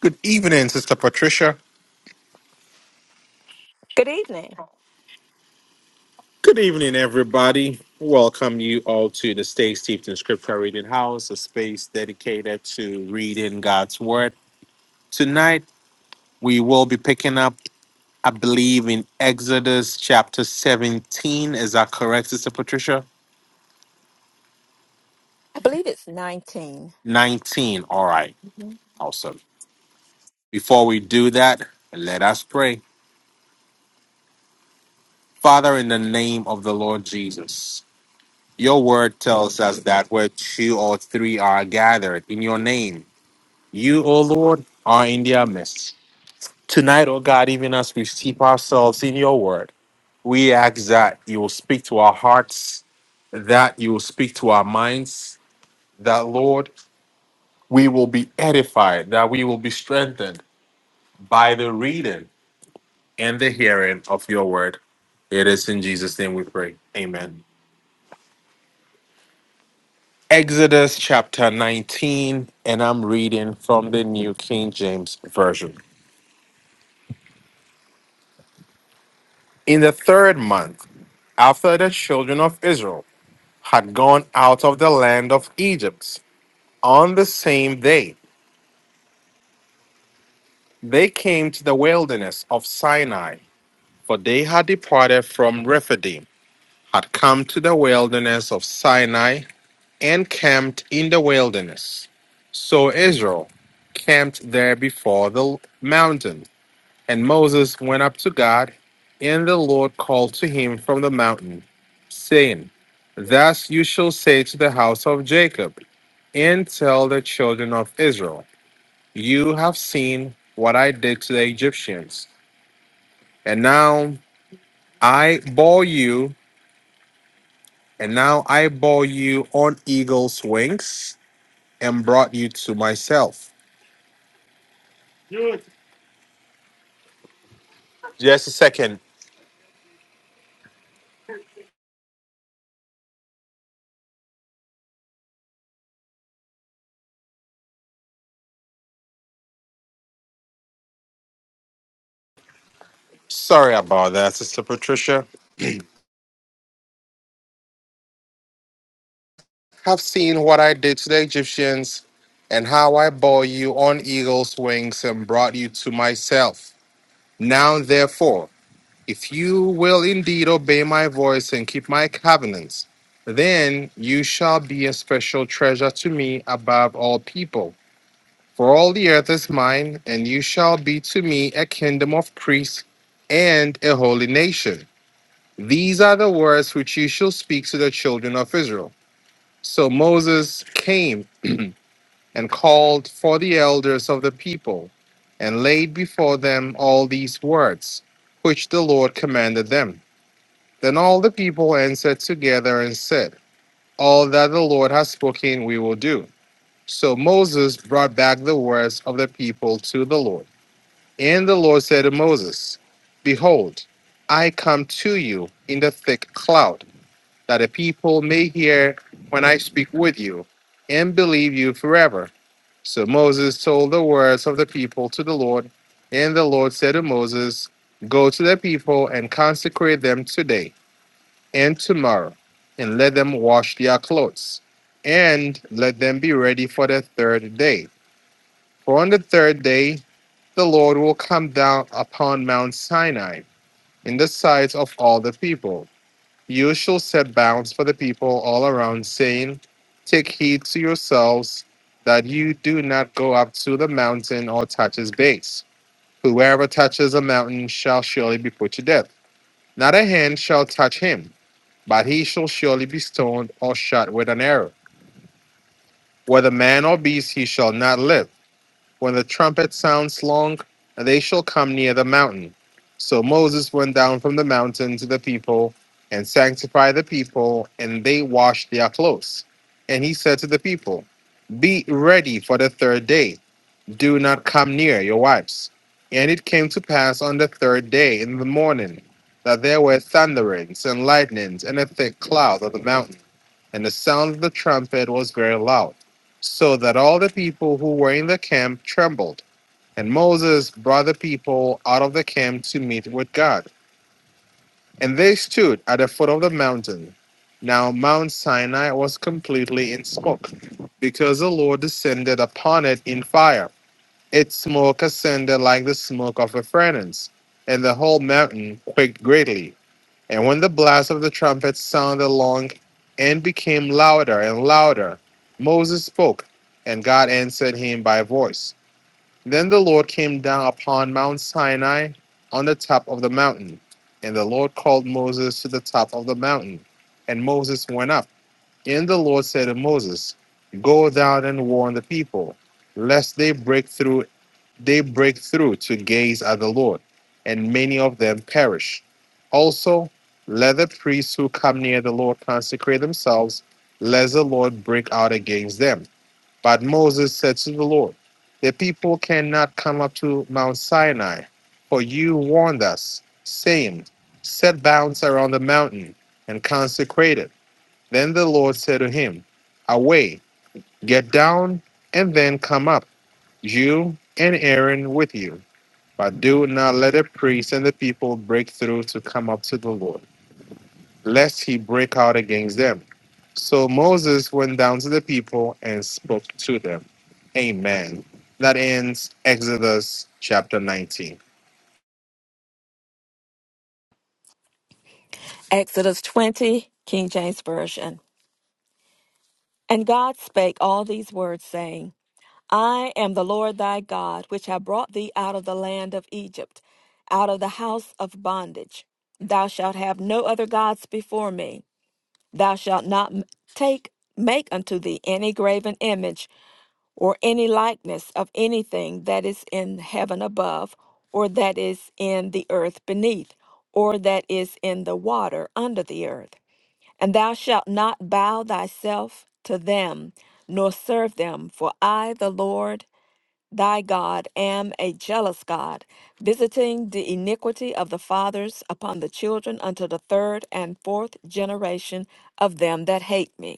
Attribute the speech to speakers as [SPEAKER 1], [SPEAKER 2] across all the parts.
[SPEAKER 1] Good evening, Sister Patricia.
[SPEAKER 2] Good evening.
[SPEAKER 1] Good evening, everybody. Welcome you all to the Stay Steeped in Scripture Reading House, a space dedicated to reading God's Word. Tonight, we will be picking up, I believe, in Exodus chapter 17. Is that correct, Sister Patricia?
[SPEAKER 2] I believe it's 19,
[SPEAKER 1] 19. All right.
[SPEAKER 2] Mhm.
[SPEAKER 1] Awesome. Before we do that, let us pray. Father, in the name of the Lord Jesus, your word tells us that where two or three are gathered in your name, You, O Lord, are in their midst. Tonight, O God, even as we steep ourselves in your word, we ask that you will speak to our hearts, that you will speak to our minds, that, Lord, we will be edified, that we will be strengthened by the reading and the hearing of your word. It is in Jesus' name we pray. Amen. Exodus chapter 19, and I'm reading from the New King James Version. In the third month, after the children of Israel had gone out of the land of Egypt, on the same day they came to the wilderness of Sinai, for they had departed from Rephidim, had come to the wilderness of Sinai, and camped in the wilderness. So Israel camped there before the mountain And Moses went up to God, and the Lord called to him from the mountain, saying, Thus you shall say to the house of Jacob, and tell the children of Israel, You have seen what I did to the Egyptians, and now I bore you, and now I bore you on eagle's wings, and brought you to myself. Just a second. Sorry about that, Sister Patricia. have seen what I did to the Egyptians and how I bore you on eagle's wings and brought you to myself. Now, therefore, if you will indeed obey my voice and keep my covenants, then you shall be a special treasure to me above all people. For all the earth is mine, and you shall be to me a kingdom of priests and a holy nation. These are the words which you shall speak to the children of Israel. So Moses came and called for the elders of the people, and laid before them all these words, which the Lord commanded them. Then all the people answered together and said, All that the Lord has spoken, we will do. So Moses brought back the words of the people to the Lord. And the Lord said to Moses, Behold, I come to you in the thick cloud, that the people may hear when I speak with you, and believe you forever. So Moses told the words of the people to the Lord, and the Lord said to Moses, Go to the people and consecrate them today and tomorrow, and let them wash their clothes, and let them be ready for the third day. For on the third day the Lord will come down upon Mount Sinai in the sight of all the people you shall set bounds for the people all around, saying, Take heed to yourselves that you do not go up to the mountain or touch its base. Whoever touches a mountain shall surely be put to death. Not a hand shall touch him, but he shall surely be stoned or shot with an arrow. Whether man or beast, he shall not live. When the trumpet sounds long, they shall come near the mountain. So Moses went down from the mountain to the people and sanctified the people, and they washed their clothes. And he said to the people, Be ready for the third day. Do not come near your wives. And it came to pass on the third day in the morning that there were thunderings and lightnings and a thick cloud of the mountain. And the sound of the trumpet was very loud, so that all the people who were in the camp trembled. And Moses brought the people out of the camp to meet with God. And they stood at the foot of the mountain. Now Mount Sinai was completely in smoke, because the Lord descended upon it in fire. Its smoke ascended like the smoke of a furnace, and the whole mountain quaked greatly. And when the blast of the trumpet sounded long and became louder and louder, Moses spoke, and God answered him by voice. Then the Lord came down upon Mount Sinai on the top of the mountain. And the Lord called Moses to the top of the mountain. And Moses went up. And the Lord said to Moses, Go down and warn the people, lest they break through they break through to gaze at the Lord, and many of them perish. Also, let the priests who come near the Lord consecrate themselves, lest the Lord break out against them. But Moses said to the Lord, The people cannot come up to Mount Sinai, for you warned us, saying, Set bounds around the mountain and consecrate it. Then the Lord said to him, Away, get down, and then come up, you and Aaron with you. But do not let the priests and the people break through to come up to the Lord, lest he break out against them. So Moses went down to the people and spoke to them. Amen. That ends Exodus chapter 19.
[SPEAKER 2] Exodus 20, King James Version. And God spake all these words, saying, I am the Lord thy God, which have brought thee out of the land of Egypt, out of the house of bondage. Thou shalt have no other gods before me. Thou shalt not m- take make unto thee any graven image or any likeness of anything that is in heaven above, or that is in the earth beneath, or that is in the water under the earth. And thou shalt not bow thyself to them, nor serve them, for I, the Lord thy God, am a jealous God, visiting the iniquity of the fathers upon the children unto the third and fourth generation of them that hate me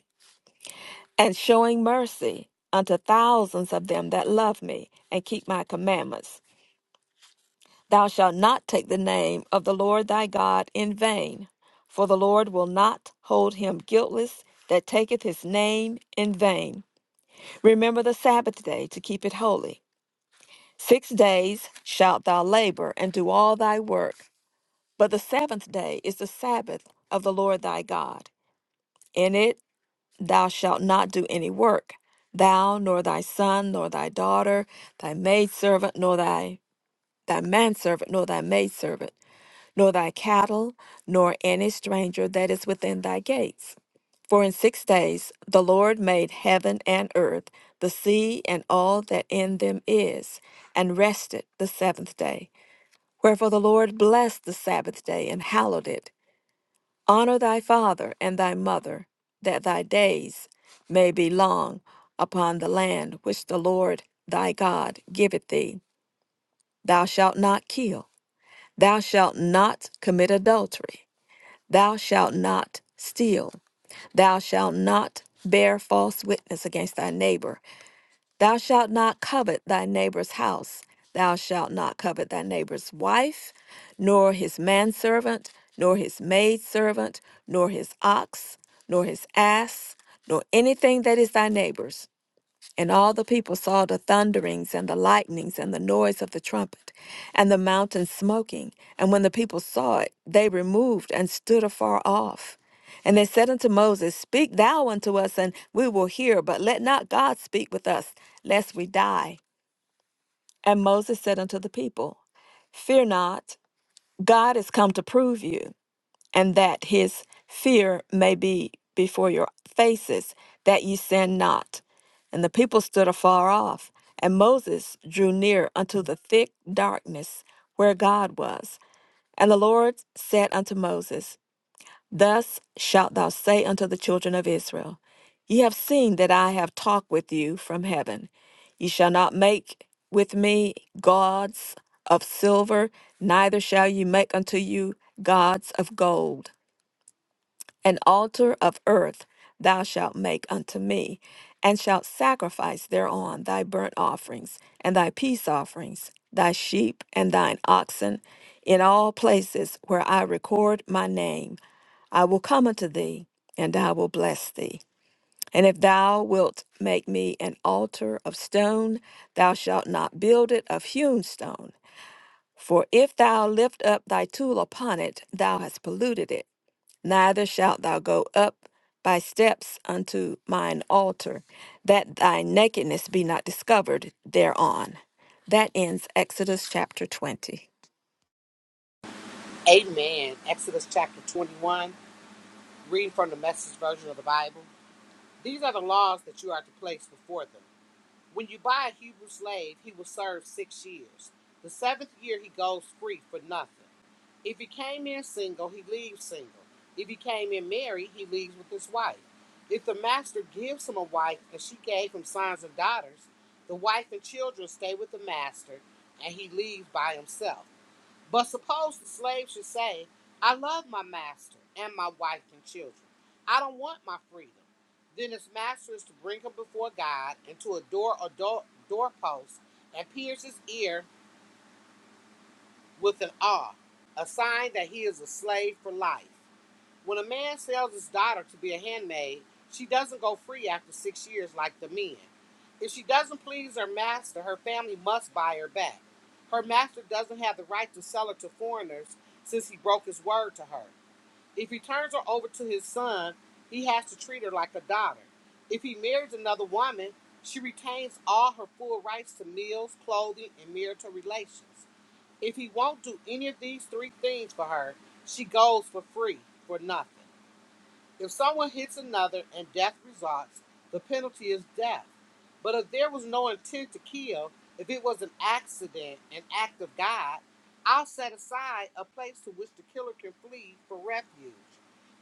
[SPEAKER 2] and showing mercy unto thousands of them that love me and keep my commandments. Thou shalt not take the name of the Lord thy God in vain, for the Lord will not hold him guiltless that taketh his name in vain. Remember the Sabbath day to keep it holy. Six days shalt thou labor and do all thy work, but the seventh day is the Sabbath of the Lord thy God. In it. Thou shalt not do any work, thou, nor thy son, nor thy daughter, thy maidservant, nor thy, thy manservant, nor thy maidservant, nor thy cattle, nor any stranger that is within thy gates. For in six days the Lord made heaven and earth, the sea, and all that in them is, and rested the seventh day. Wherefore the Lord blessed the Sabbath day and hallowed it. Honor thy father and thy mother, that thy days may be long upon the land which the Lord thy God giveth thee. Thou shalt not kill. Thou shalt not commit adultery. Thou shalt not steal. Thou shalt not bear false witness against thy neighbor Thou shalt not covet thy neighbor's house. Thou shalt not covet thy neighbor's wife, nor his manservant, nor his maidservant, nor his ox, nor his ass, nor anything that is thy neighbor's. And all the people saw the thunderings and the lightnings and the noise of the trumpet and the mountain smoking. And when the people saw it, they removed and stood afar off. And they said unto Moses, Speak thou unto us, and we will hear, but let not God speak with us, lest we die. And Moses said unto the people, Fear not, God is come to prove you, and that his fear may be before your faces, that ye sin not. And the people stood afar off, and Moses drew near unto the thick darkness where God was. And the Lord said unto Moses, Thus shalt thou say unto the children of Israel, Ye have seen that I have talked with you from heaven. Ye shall not make with me gods of silver, neither shall ye make unto you gods of gold. An altar of earth thou shalt make unto me, and shalt sacrifice thereon thy burnt offerings, and thy peace offerings, thy sheep and thine oxen, in all places where I record my name. I will come unto thee, and I will bless thee. And if thou wilt make me an altar of stone, thou shalt not build it of hewn stone. For if thou lift up thy tool upon it, thou hast polluted it neither shalt thou go up by steps unto mine altar, that thy nakedness be not discovered thereon. That ends Exodus chapter 20.
[SPEAKER 3] Amen. Exodus chapter 21, reading from the message version of the Bible. These are the laws that you are to place before them. When you buy a Hebrew slave, he will serve six years. The seventh year, he goes free for nothing. If he came in single, he leaves single. If he came in married, he leaves with his wife. If the master gives him a wife and she gave him sons and daughters, the wife and children stay with the master and he leaves by himself. But suppose the slave should say, I love my master and my wife and children. I don't want my freedom. Then his master is to bring him before God and to a door or door, doorpost and pierce his ear with an awl, a sign that he is a slave for life. When a man sells his daughter to be a handmaid, she doesn't go free after six years like the men. If she doesn't please her master, her family must buy her back. Her master doesn't have the right to sell her to foreigners since he broke his word to her. If he turns her over to his son, he has to treat her like a daughter. If he marries another woman, she retains all her full rights to meals, clothing, and marital relations. If he won't do any of these three things for her, she goes for free, for nothing. If someone hits another and death results, the penalty is death. But if there was no intent to kill, if it was an accident, an act of God, I'll set aside a place to which the killer can flee for refuge.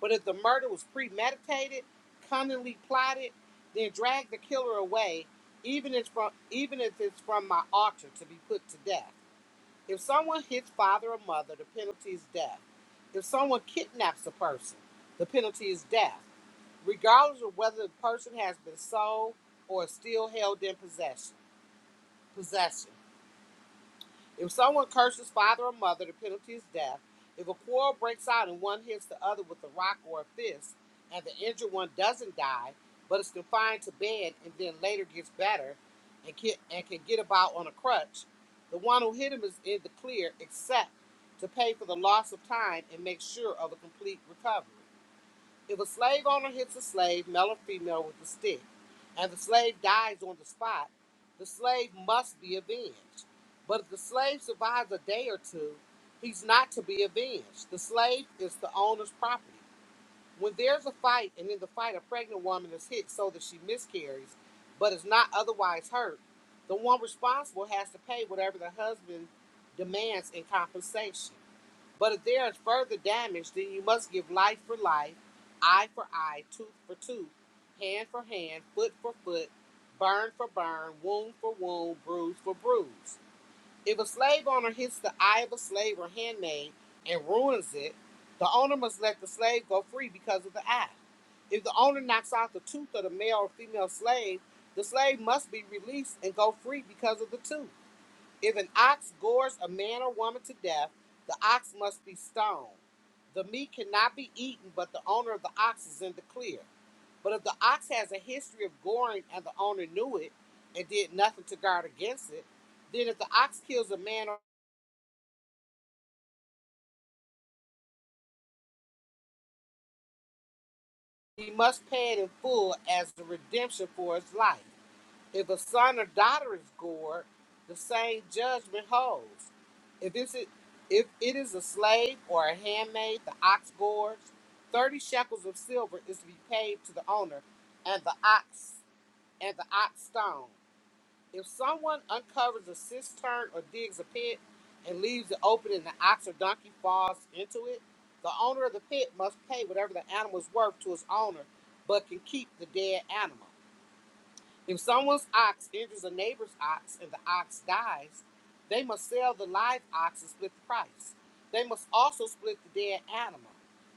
[SPEAKER 3] But if the murder was premeditated, cunningly plotted, then drag the killer away, even if, from, even if it's from my altar to be put to death. If someone hits father or mother, the penalty is death. If someone kidnaps a person, the penalty is death, regardless of whether the person has been sold or is still held in possession. Possession. If someone curses father or mother, the penalty is death. If a quarrel breaks out and one hits the other with a rock or a fist, and the injured one doesn't die, but is confined to bed and then later gets better and can, and can get about on a crutch, the one who hit him is in the clear except to pay for the loss of time and make sure of a complete recovery. If a slave owner hits a slave, male or female, with a stick, and the slave dies on the spot, the slave must be avenged. But if the slave survives a day or two, he's not to be avenged. The slave is the owner's property. When there's a fight, and in the fight a pregnant woman is hit so that she miscarries, but is not otherwise hurt, the one responsible has to pay whatever the husband demands in compensation. But if there is further damage, then you must give life for life, eye for eye, tooth for tooth, hand for hand, foot for foot, burn for burn, wound for wound, bruise for bruise. If a slave owner hits the eye of a slave or handmaid and ruins it, the owner must let the slave go free because of the act. If the owner knocks out the tooth of the male or female slave, the slave must be released and go free because of the tooth. If an ox gores a man or woman to death, the ox must be stoned. The meat cannot be eaten, but the owner of the ox is in the clear. But if the ox has a history of goring and the owner knew it and did nothing to guard against it, then if the ox kills a man, he must pay it in full as the redemption for his life. If a son or daughter is gored, the same judgment holds. If it's a- if it is a slave or a handmaid, the ox gores, thirty shekels of silver is to be paid to the owner, and the ox and the ox stone. If someone uncovers a cistern or digs a pit and leaves it open, and the ox or donkey falls into it, the owner of the pit must pay whatever the animal is worth to its owner, but can keep the dead animal. If someone's ox injures a neighbor's ox and the ox dies, they must sell the live ox and split the price. They must also split the dead animal.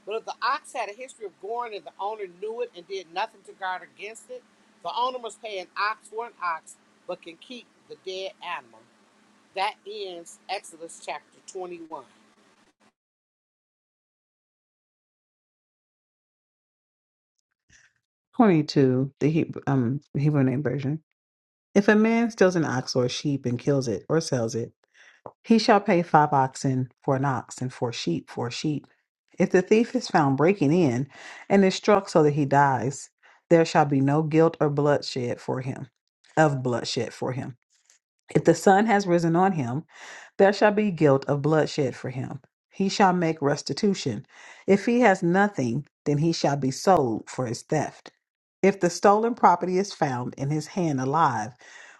[SPEAKER 3] But if the ox had a history of goring and the owner knew it and did nothing to guard against it, the owner must pay an ox for an ox, but can keep the dead animal. That ends Exodus chapter 21.
[SPEAKER 4] 22, the Hebrew, um, the Hebrew name version. If a man steals an ox or a sheep and kills it or sells it, he shall pay five oxen for an ox and four sheep for a sheep. If the thief is found breaking in and is struck so that he dies, there shall be no guilt or bloodshed for him, of bloodshed for him. If the sun has risen on him, there shall be guilt of bloodshed for him. He shall make restitution. If he has nothing, then he shall be sold for his theft. If the stolen property is found in his hand alive,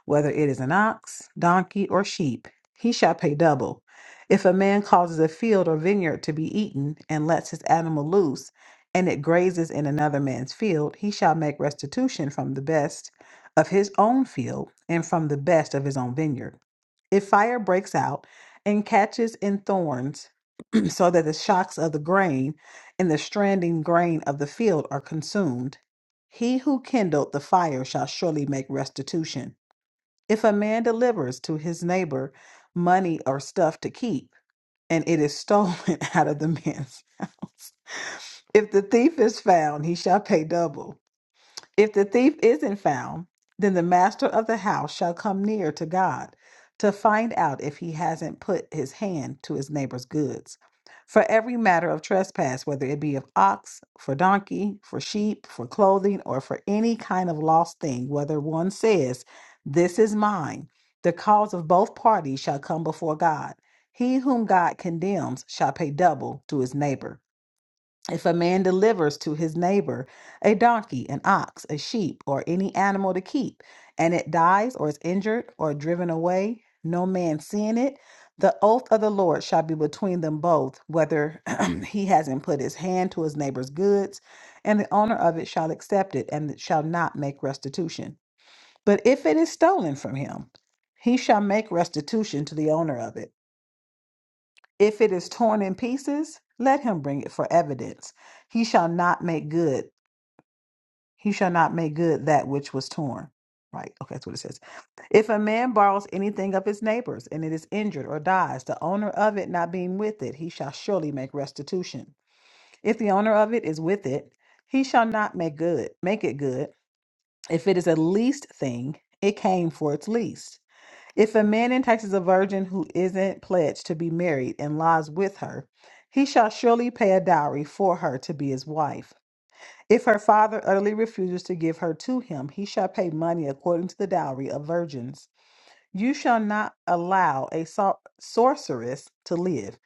[SPEAKER 4] whether it is an ox, donkey, or sheep, he shall pay double. If a man causes a field or vineyard to be eaten and lets his animal loose, and it grazes in another man's field, he shall make restitution from the best of his own field and from the best of his own vineyard. If fire breaks out and catches in thorns, so that the shocks of the grain and the stranding grain of the field are consumed, he who kindled the fire shall surely make restitution. If a man delivers to his neighbor money or stuff to keep, and it is stolen out of the man's house, if the thief is found, he shall pay double. If the thief isn't found, then the master of the house shall come near to God to find out if he hasn't put his hand to his neighbor's goods. For every matter of trespass, whether it be of ox, for donkey, for sheep, for clothing, or for any kind of lost thing, whether one says, This is mine, the cause of both parties shall come before God. He whom God condemns shall pay double to his neighbor. If a man delivers to his neighbor a donkey, an ox, a sheep, or any animal to keep, and it dies or is injured or driven away, no man seeing it, the oath of the Lord shall be between them both, whether he hasn't put his hand to his neighbor's goods, and the owner of it shall accept it and shall not make restitution. But if it is stolen from him, he shall make restitution to the owner of it if it is torn in pieces, let him bring it for evidence. He shall not make good. He shall not make good that which was torn. Right. Okay, that's what it says. If a man borrows anything of his neighbor's and it is injured or dies, the owner of it not being with it, he shall surely make restitution. If the owner of it is with it, he shall not make good, make it good. If it is a leased thing, it came for its lease. If a man entices a virgin who isn't pledged to be married and lies with her, he shall surely pay a dowry for her to be his wife. If her father utterly refuses to give her to him, he shall pay money according to the dowry of virgins. You shall not allow a sor- sorceress to live.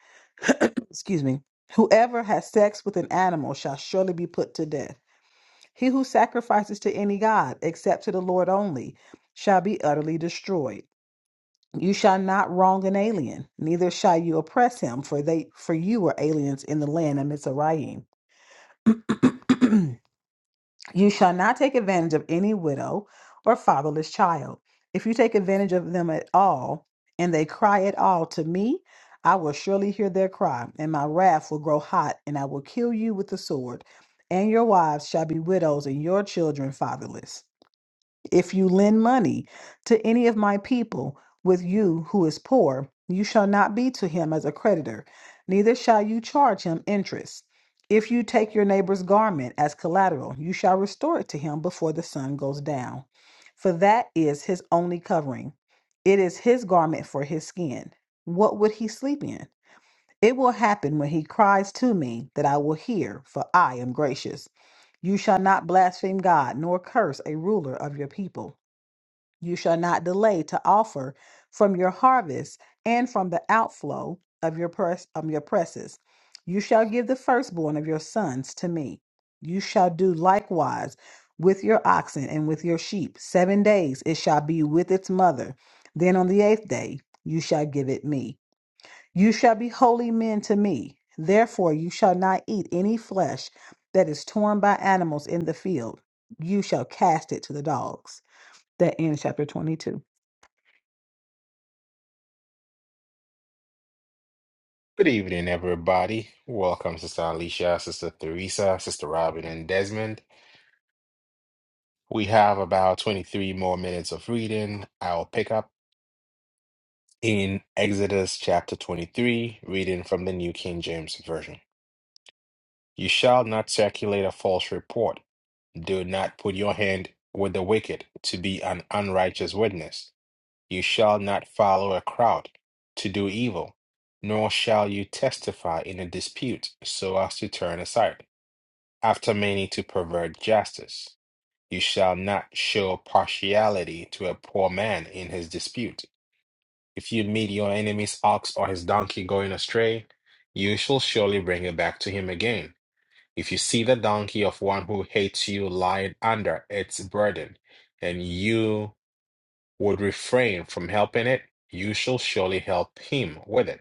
[SPEAKER 4] Excuse me. Whoever has sex with an animal shall surely be put to death. He who sacrifices to any god, except to the Lord only, shall be utterly destroyed. You shall not wrong an alien, neither shall you oppress him, for they for you were aliens in the land of Mizraim. you shall not take advantage of any widow or fatherless child. If you take advantage of them at all, and they cry at all to me, I will surely hear their cry, and my wrath will grow hot, and I will kill you with the sword, and your wives shall be widows, and your children fatherless. If you lend money to any of my people with you who is poor, you shall not be to him as a creditor, neither shall you charge him interest. If you take your neighbor's garment as collateral, you shall restore it to him before the sun goes down. For that is his only covering. It is his garment for his skin. What would he sleep in? It will happen when he cries to me that I will hear, for I am gracious. You shall not blaspheme God, nor curse a ruler of your people. You shall not delay to offer from your harvest and from the outflow of your press of your presses. You shall give the firstborn of your sons to me. You shall do likewise with your oxen and with your sheep. Seven days it shall be with its mother. Then on the eighth day you shall give it me. You shall be holy men to me. Therefore you shall not eat any flesh that is torn by animals in the field. You shall cast it to the dogs. That ends chapter 22.
[SPEAKER 1] Good evening, everybody. Welcome, Sister Alicia, Sister Theresa, Sister Robin, and Desmond. We have about 23 more minutes of reading. I'll pick up in Exodus chapter 23, reading from the New King James Version. You shall not circulate a false report. Do not put your hand with the wicked to be an unrighteous witness. You shall not follow a crowd to do evil, nor shall you testify in a dispute so as to turn aside, after many to pervert justice. You shall not show partiality to a poor man in his dispute. If you meet your enemy's ox or his donkey going astray, you shall surely bring it back to him again. If you see the donkey of one who hates you lying under its burden, and you would refrain from helping it, you shall surely help him with it.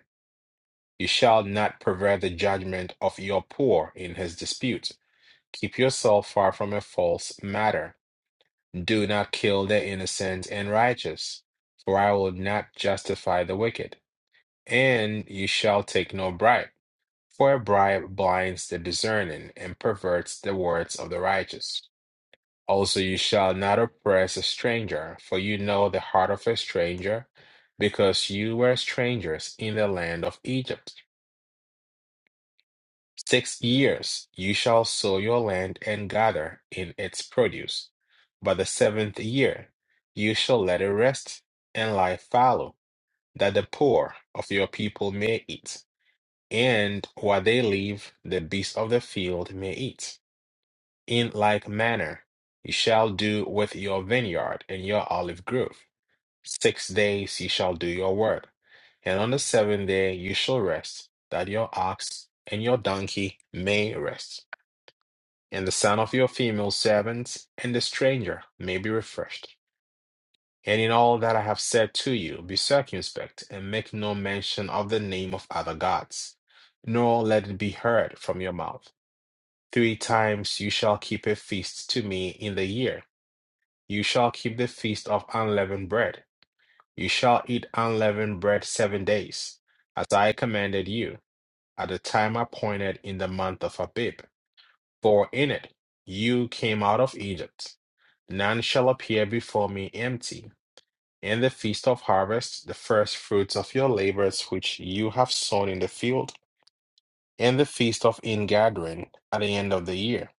[SPEAKER 1] You shall not pervert the judgment of your poor in his dispute. Keep yourself far from a false matter. Do not kill the innocent and righteous, for I will not justify the wicked. And you shall take no bribe, for a bribe blinds the discerning and perverts the words of the righteous. Also, you shall not oppress a stranger, for you know the heart of a stranger, because you were strangers in the land of Egypt. Six years you shall sow your land and gather in its produce. But the seventh year you shall let it rest and lie fallow, that the poor of your people may eat, and what they leave the beasts of the field may eat. In like manner you shall do with your vineyard and your olive grove. Six days ye shall do your work, and on the seventh day you shall rest, that your ox and your donkey may rest, and the son of your female servants and the stranger may be refreshed. And in all that I have said to you, be circumspect, and make no mention of the name of other gods, nor let it be heard from your mouth. Three times you shall keep a feast to me in the year. You shall keep the feast of unleavened bread You shall eat unleavened bread seven days, as I commanded you, at the time appointed in the month of Abib. For in it you came out of Egypt. None shall appear before me empty. In the feast of harvest, the first fruits of your labors which you have sown in the field, in the feast of ingathering, at the end of the year,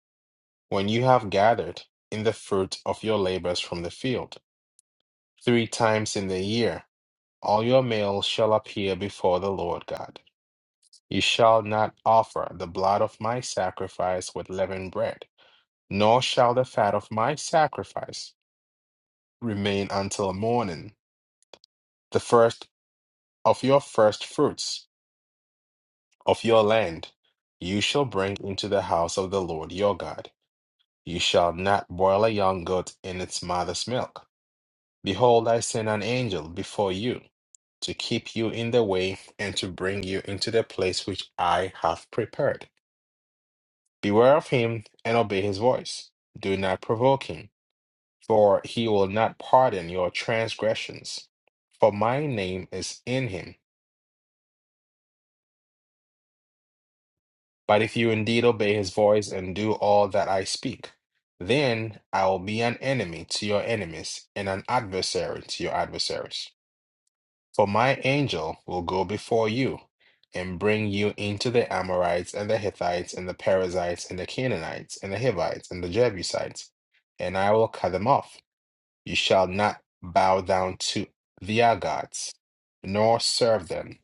[SPEAKER 1] when you have gathered in the fruit of your labors from the field, three times in the year All your males shall appear before the Lord God. You shall not offer the blood of my sacrifice with leavened bread, nor shall the fat of my sacrifice remain until morning. The first of your first fruits of your land you shall bring into the house of the Lord your God. You shall not boil a young goat in its mother's milk. Behold, I send an angel before you to keep you in the way and to bring you into the place which I have prepared. Beware of him and obey his voice. Do not provoke him, for he will not pardon your transgressions, for my name is in him. But if you indeed obey his voice and do all that I speak, then I will be an enemy to your enemies and an adversary to your adversaries. For my angel will go before you and bring you into the Amorites and the Hittites and the Perizzites and the Canaanites and the Hivites and the Jebusites, and I will cut them off. You shall not bow down to their gods, nor serve them,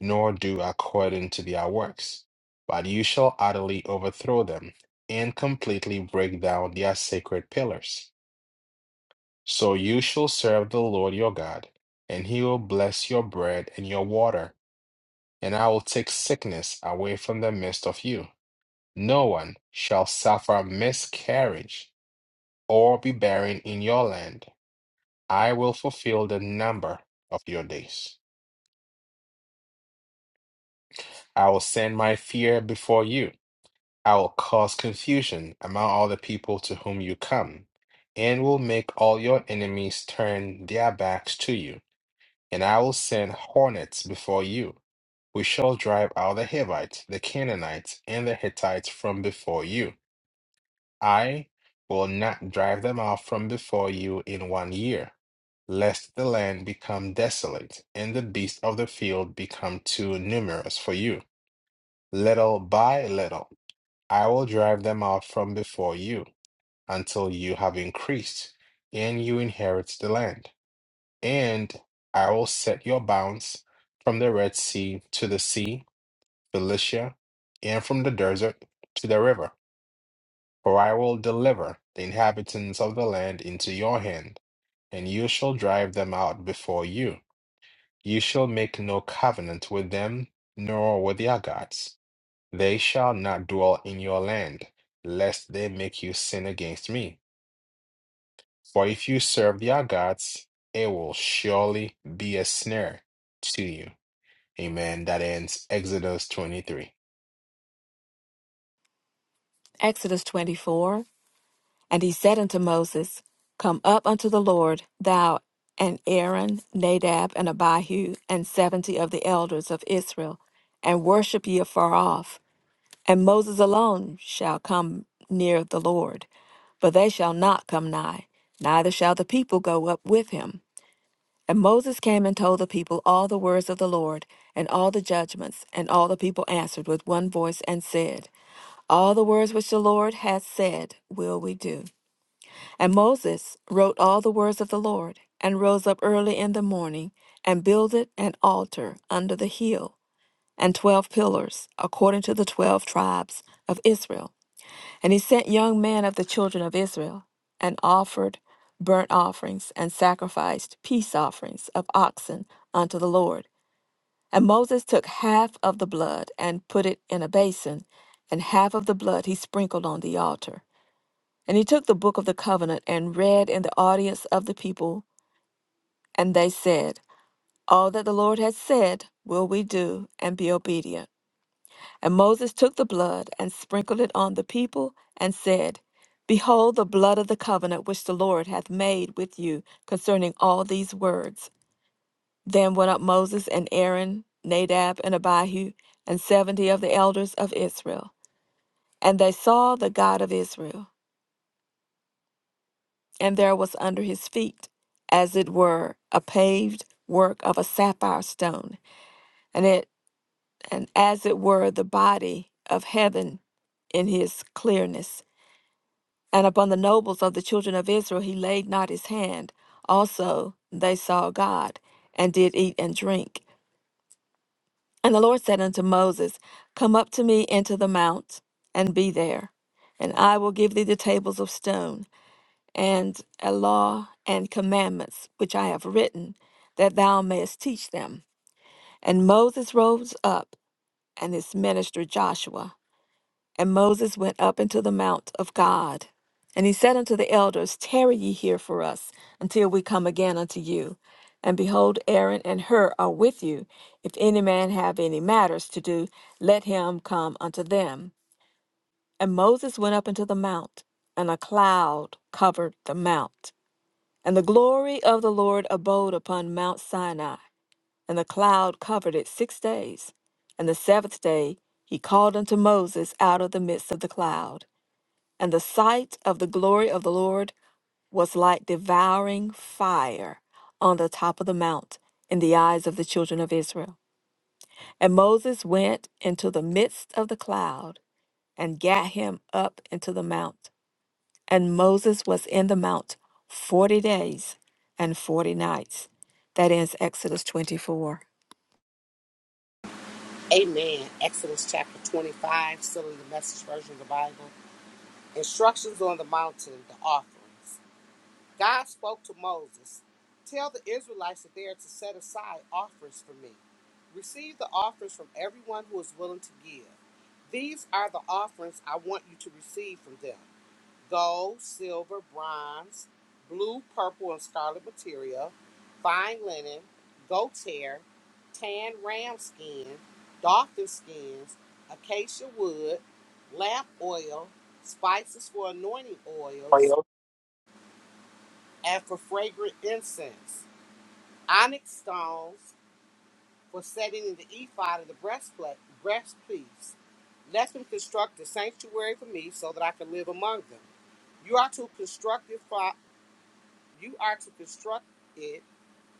[SPEAKER 1] nor do according to their works, but you shall utterly overthrow them and completely break down their sacred pillars. So you shall serve the Lord your God, and he will bless your bread and your water, and I will take sickness away from the midst of you. No one shall suffer miscarriage or be barren in your land. I will fulfill the number of your days. I will send my fear before you. I will cause confusion among all the people to whom you come, and will make all your enemies turn their backs to you. And I will send hornets before you, which shall drive out the Hivites, the Canaanites, and the Hittites from before you. I will not drive them out from before you in one year, lest the land become desolate, and the beasts of the field become too numerous for you. Little by little, I will drive them out from before you, until you have increased, and you inherit the land. And I will set your bounds from the Red Sea to the sea, Philistia, and from the desert to the river. For I will deliver the inhabitants of the land into your hand, and you shall drive them out before you. You shall make no covenant with them, nor with their gods. They shall not dwell in your land, lest they make you sin against me. For if you serve their gods, it will surely be a snare to you. Amen. That ends Exodus 23.
[SPEAKER 2] Exodus 24. And he said unto Moses, Come up unto the Lord, thou and Aaron, Nadab, and Abihu, and seventy of the elders of Israel, and worship ye afar off. And Moses alone shall come near the Lord, but they shall not come nigh, neither shall the people go up with him. And Moses came and told the people all the words of the Lord, and all the judgments, and all the people answered with one voice and said, All the words which the Lord hath said will we do. And Moses wrote all the words of the Lord, and rose up early in the morning, and builded an altar under the hill, and twelve pillars, according to the twelve tribes of Israel and he sent young men of the children of Israel, and offered burnt offerings, and sacrificed peace offerings of oxen unto the Lord. And Moses took half of the blood, and put it in a basin, and half of the blood he sprinkled on the altar. And he took the book of the covenant, and read in the audience of the people. And they said, All that the Lord has said will we do, and be obedient. And Moses took the blood and sprinkled it on the people and said, Behold the blood of the covenant which the Lord hath made with you concerning all these words. Then went up Moses and Aaron, Nadab and Abihu, and seventy of the elders of Israel. And they saw the God of Israel, and there was under his feet, as it were, a paved work of a sapphire stone, and it and as it were the body of heaven in his clearness And upon the nobles of the children of Israel he laid not his hand. Also they saw God, and did eat and drink. And the Lord said unto Moses, Come up to me into the mount, and be there. And I will give thee the tables of stone, and a law and commandments which I have written, that thou mayest teach them. And Moses rose up, and his minister Joshua. And Moses went up into the mount of God. And he said unto the elders, Tarry ye here for us until we come again unto you. And behold, Aaron and Hur are with you. If any man have any matters to do, let him come unto them. And Moses went up into the mount, and a cloud covered the mount. And the glory of the Lord abode upon Mount Sinai, and the cloud covered it six days. And the seventh day he called unto Moses out of the midst of the cloud. And the sight of the glory of the Lord was like devouring fire on the top of the mount in the eyes of the children of Israel. And Moses went into the midst of the cloud and gat him up into the mount. And Moses was in the mount 40 days and 40 nights. That ends Exodus 24.
[SPEAKER 3] Amen. Exodus chapter 25, still in the message version of the Bible. Instructions on the mountain, the offerings. God spoke to Moses Tell the Israelites that they are to set aside offerings for me. Receive the offerings from everyone who is willing to give. These are the offerings I want you to receive from them gold, silver, bronze, blue, purple, and scarlet material, fine linen, goat's hair, tan ram skin, dolphin skins, acacia wood, lamp oil, spices for anointing oils and for fragrant incense, onyx stones for setting in the ephod of the breastplate, breastpiece. Let them construct a sanctuary for me, so that I can live among them. You are to construct it. Fo- you are to construct it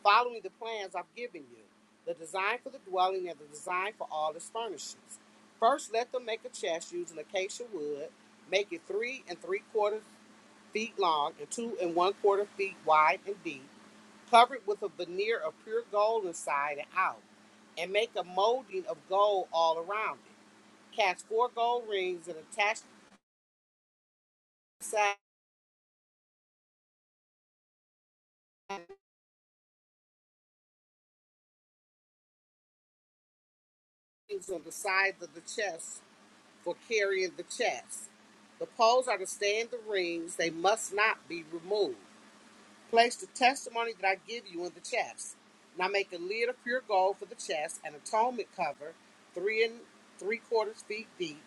[SPEAKER 3] following the plans I've given you, the design for the dwelling and the design for all its furnishings. First, let them make a chest using acacia wood. Make it three and three quarter feet long and two and one quarter feet wide and deep Cover it with a veneer of pure gold inside and out, and make a molding of gold all around it. Cast four gold rings and attach the sides on the sides of the chest for carrying the chest. The poles are to stay in the rings, they must not be removed. Place the testimony that I give you in the chest. Now make a lid of pure gold for the chest, an atonement cover, three and three quarters feet deep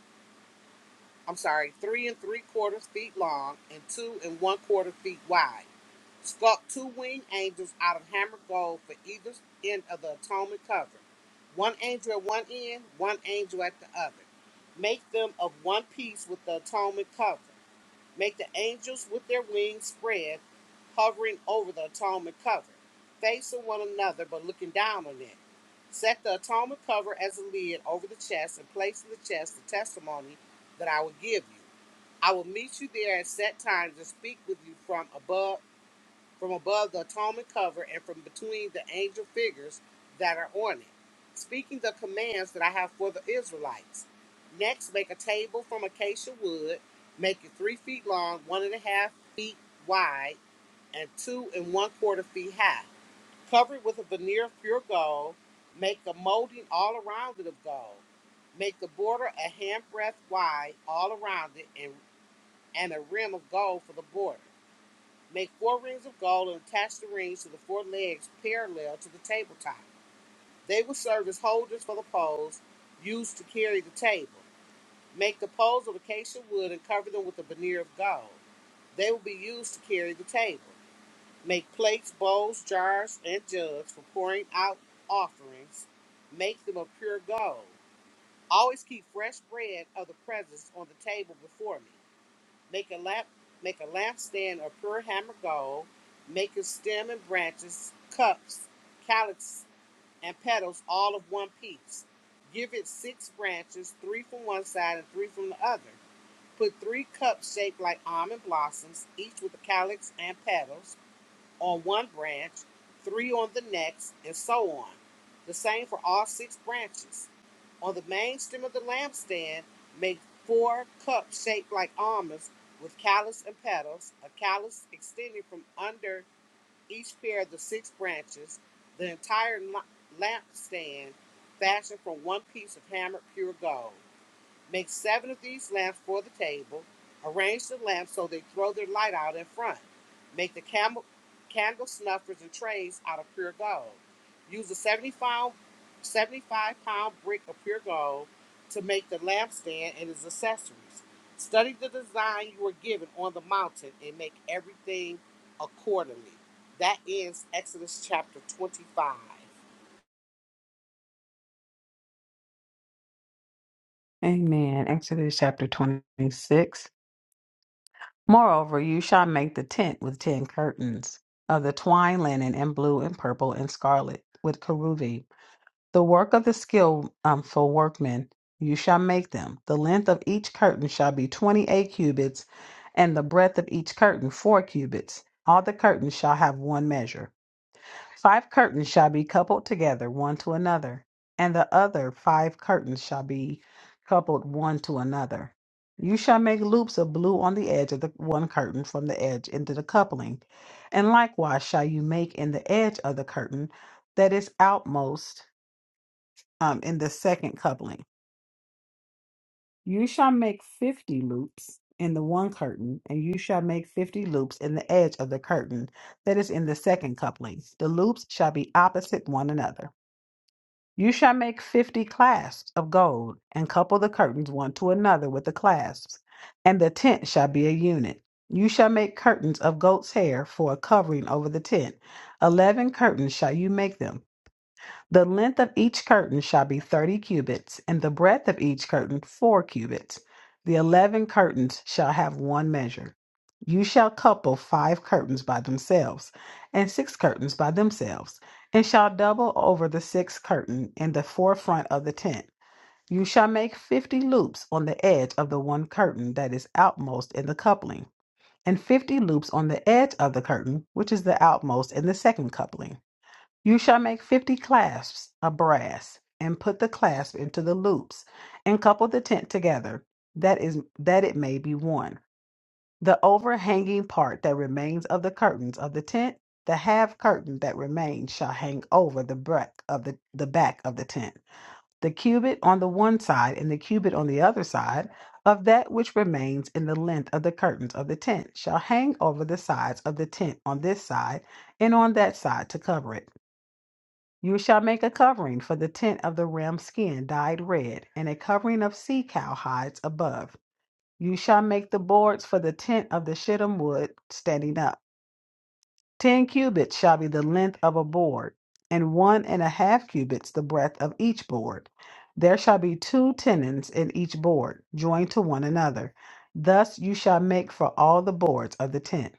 [SPEAKER 3] I'm sorry, three and three quarters feet long and two and one quarter feet wide. Sculpt two winged angels out of hammered gold for either end of the atonement cover. One angel at one end, one angel at the other. Make them of one piece with the atonement cover. Make the angels with their wings spread, hovering over the atonement cover, facing one another but looking down on it. Set the atonement cover as a lid over the chest and place in the chest the testimony that I will give you. I will meet you there at set times and speak with you from above from above the atonement cover and from between the angel figures that are on it, speaking the commands that I have for the Israelites. Next, make a table from acacia wood, make it three feet long, one and a half feet wide, and two and one quarter feet high. Cover it with a veneer of pure gold. Make a molding all around it of gold. Make the border a handbreadth wide all around it and, and a rim of gold for the border. Make four rings of gold and attach the rings to the four legs parallel to the tabletop. They will serve as holders for the poles used to carry the table. Make the poles of acacia wood and cover them with a veneer of gold. They will be used to carry the table. Make plates, bowls, jars, and jugs for pouring out offerings. Make them of pure gold. Always keep fresh bread of the presence on the table before me. Make a lap, make a lath stand of pure hammer gold. Make a stem and branches, cups, calyx, and petals all of one piece. Give it six branches, three from one side and three from the other. Put three cups shaped like almond blossoms, each with a calyx and petals on one branch, three on the next, and so on. The same for all six branches. On the main stem of the lampstand, make four cups shaped like almonds with callus and petals, a callus extending from under each pair of the six branches, the entire lampstand fashioned from one piece of hammered pure gold. Make seven of these lamps for the table. Arrange the lamps so they throw their light out in front. Make the camel, candle snuffers and trays out of pure gold. Use a 75, seventy-five pound brick of pure gold to make the lampstand and its accessories. Study the design you were given on the mountain and make everything accordingly. That ends Exodus chapter 25.
[SPEAKER 4] Amen. Exodus chapter 26. Moreover, you shall make the tent with ten curtains of the twine linen and blue and purple and scarlet with kerubi. The work of the skillful um, for workmen you shall make them. The length of each curtain shall be twenty eight cubits, and the breadth of each curtain four cubits. All the curtains shall have one measure. Five curtains shall be coupled together one to another, and the other five curtains shall be coupled one to another. You shall make loops of blue on the edge of the one curtain from the edge into the coupling, and likewise shall you make in the edge of the curtain that is outmost um, in the second coupling. You shall make fifty loops in the one curtain, and you shall make fifty loops in the edge of the curtain that is in the second coupling. The loops shall be opposite one another. You shall make fifty clasps of gold, and couple the curtains one to another with the clasps, and the tent shall be a unit. You shall make curtains of goat's hair for a covering over the tent. Eleven curtains shall you make them. The length of each curtain shall be thirty cubits, and the breadth of each curtain four cubits. The eleven curtains shall have one measure. You shall couple five curtains by themselves, and six curtains by themselves, and shall double over the sixth curtain in the forefront of the tent. You shall make fifty loops on the edge of the one curtain that is outmost in the coupling, and fifty loops on the edge of the curtain which is the outmost in the second coupling. You shall make fifty clasps of brass, and put the clasp into the loops, and couple the tent together, that is that it may be one. The overhanging part that remains of the curtains of the tent, the half curtain that remains shall hang over the back of the, the back of the tent. The cubit on the one side and the cubit on the other side of that which remains in the length of the curtains of the tent shall hang over the sides of the tent on this side and on that side to cover it. You shall make a covering for the tent of the ram skin dyed red, and a covering of sea cow hides above. You shall make the boards for the tent of the shittim wood standing up. Ten cubits shall be the length of a board, and one and a half cubits the breadth of each board. There shall be two tenons in each board, joined to one another. Thus you shall make for all the boards of the tent.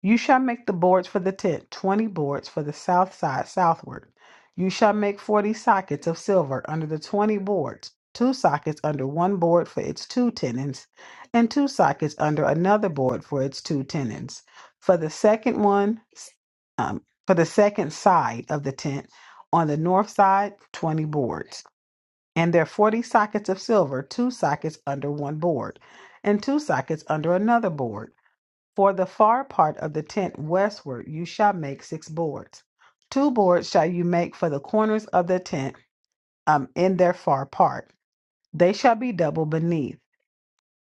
[SPEAKER 4] You shall make the boards for the tent, twenty boards for the south side southward. You shall make forty sockets of silver under the twenty boards, two sockets under one board for its two tenons, and two sockets under another board for its two tenons. For the second one, um, for the second side of the tent, on the north side, twenty boards. And their forty sockets of silver, two sockets under one board, and two sockets under another board. For the far part of the tent westward you shall make six boards. Two boards shall you make for the corners of the tent um, in their far part. They shall be double beneath,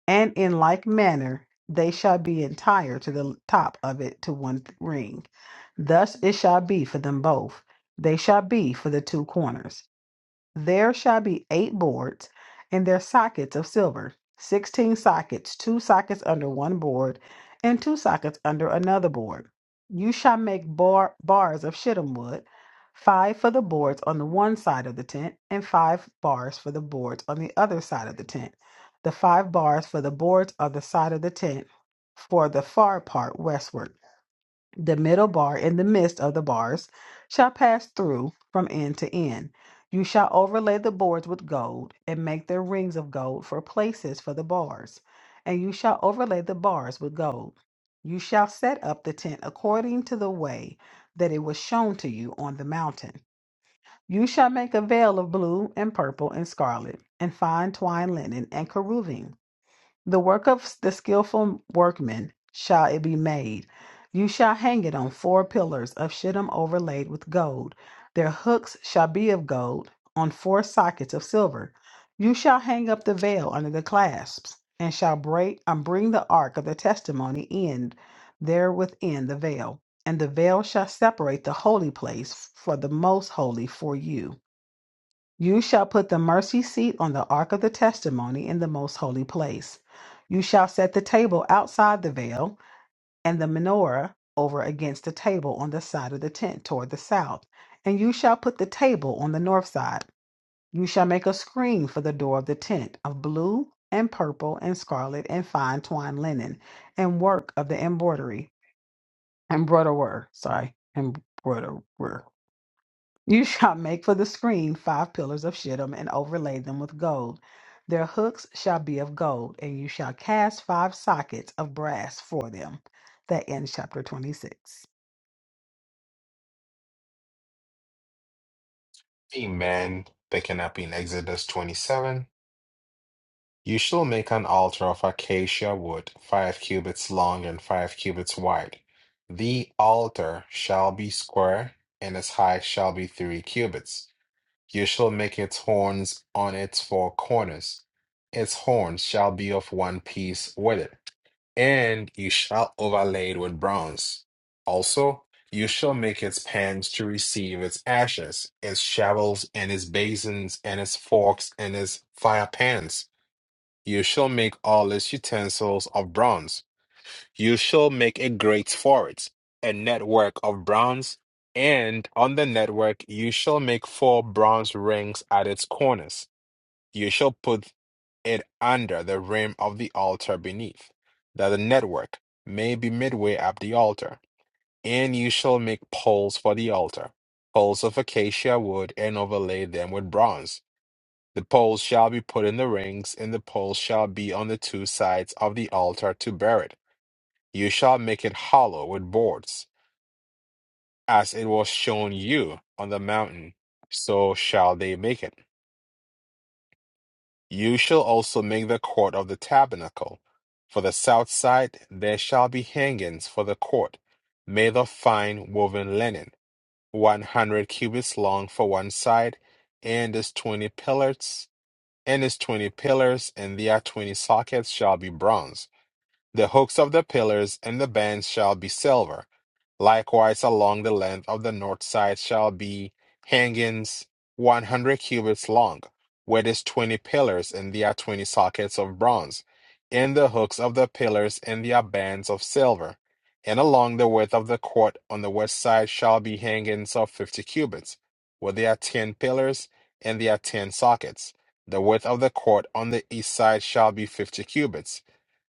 [SPEAKER 4] and in like manner they shall be entire to the top of it to one ring. Thus it shall be for them both. They shall be for the two corners. There shall be eight boards and their sockets of silver, sixteen sockets, two sockets under one board, and two sockets under another board. You shall make bar- bars of shittim wood, five for the boards on the one side of the tent, and five bars for the boards on the other side of the tent. The five bars for the boards on the side of the tent for the far part westward. The middle bar and the midst of the bars shall pass through from end to end. You shall overlay the boards with gold and make their rings of gold for places for the bars, and you shall overlay the bars with gold. You shall set up the tent according to the way that it was shown to you on the mountain. You shall make a veil of blue and purple and scarlet and fine twined linen and cherubim. The work of the skillful workman shall it be made. You shall hang it on four pillars of shittim overlaid with gold. Their hooks shall be of gold, on four sockets of silver. You shall hang up the veil under the clasps, and shall break and bring the ark of the testimony in there within the veil. And the veil shall separate the holy place for the most holy for you. You shall put the mercy seat on the ark of the testimony in the most holy place. You shall set the table outside the veil, and the menorah over against the table on the side of the tent toward the south. And you shall put the table on the north side. You shall make a screen for the door of the tent of blue and purple and scarlet and fine twined linen and work of the embroidery, embroiderer, sorry, embroiderer. You shall make for the screen five pillars of shittim and overlay them with gold. Their hooks shall be of gold, and you shall cast five sockets of brass for them. That ends chapter 26.
[SPEAKER 1] Amen. They cannot be in Exodus 27. You shall make an altar of acacia wood, five cubits long and five cubits wide. The altar shall be square, and its height shall be three cubits. You shall make its horns on its four corners. Its horns shall be of one piece with it. and you shall overlay it with bronze. Also, you shall make its pans to receive its ashes, its shovels, and its basins, and its forks, and its fire pans. You shall make all its utensils of bronze. You shall make a grate for it, a network of bronze, and on the network you shall make four bronze rings at its corners. You shall put it under the rim of the altar beneath, that the network may be midway up the altar. And you shall make poles for the altar, poles of acacia wood, and overlay them with bronze. The poles shall be put in the rings, and the poles shall be on the two sides of the altar to bear it. You shall make it hollow with boards, as it was shown you on the mountain, so shall they make it. You shall also make the court of the tabernacle. For the south side there shall be hangings for the court, made of fine woven linen, one hundred cubits long for one side, and its twenty pillars, and its twenty pillars, and their twenty sockets shall be bronze. The hooks of the pillars and the bands shall be silver. Likewise, along the length of the north side shall be hangings one hundred cubits long, with its twenty pillars, and there are twenty sockets of bronze, and the hooks of the pillars and there are bands of silver. And along the width of the court on the west side shall be hangings of fifty cubits, where there are ten pillars and there are ten sockets. The width of the court on the east side shall be fifty cubits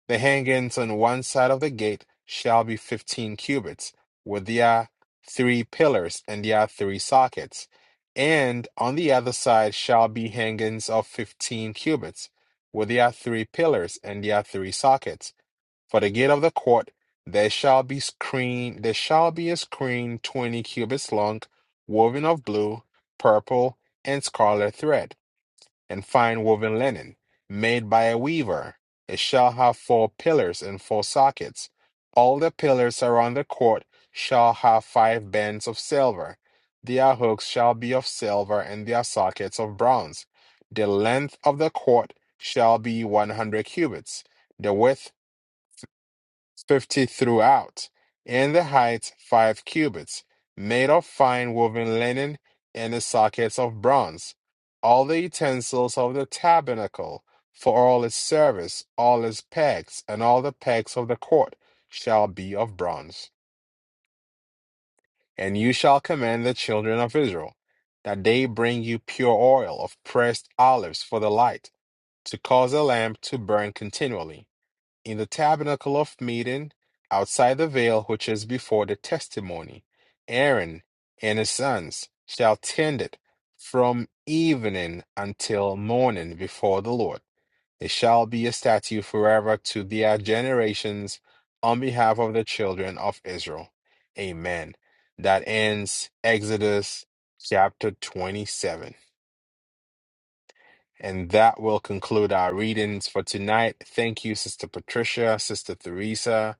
[SPEAKER 1] the hangings on one side of the gate shall be fifteen cubits, with their three pillars and their three sockets, and on the other side shall be hangings of fifteen cubits, with their three pillars and their three sockets. For the gate of the court there shall be screen there shall be a screen twenty cubits long, woven of blue, purple, and scarlet thread and fine woven linen, made by a weaver. It shall have four pillars and four sockets. All the pillars around the court shall have five bands of silver. Their hooks shall be of silver, and their sockets of bronze. The length of the court shall be one hundred cubits. The width fifty throughout, and the height five cubits, made of fine woven linen, and the sockets of bronze. All the utensils of the tabernacle, for all its service, all its pegs, and all the pegs of the court, shall be of bronze. And you shall command the children of Israel, that they bring you pure oil of pressed olives for the light, to cause a lamp to burn continually in the tabernacle of meeting outside the veil which is before the testimony. Aaron and his sons shall tend it from evening until morning before the Lord. It shall be a statute forever to their generations on behalf of the children of Israel. Amen. That ends Exodus chapter 27. And that will conclude our readings for tonight. Thank you, Sister Patricia, Sister Theresa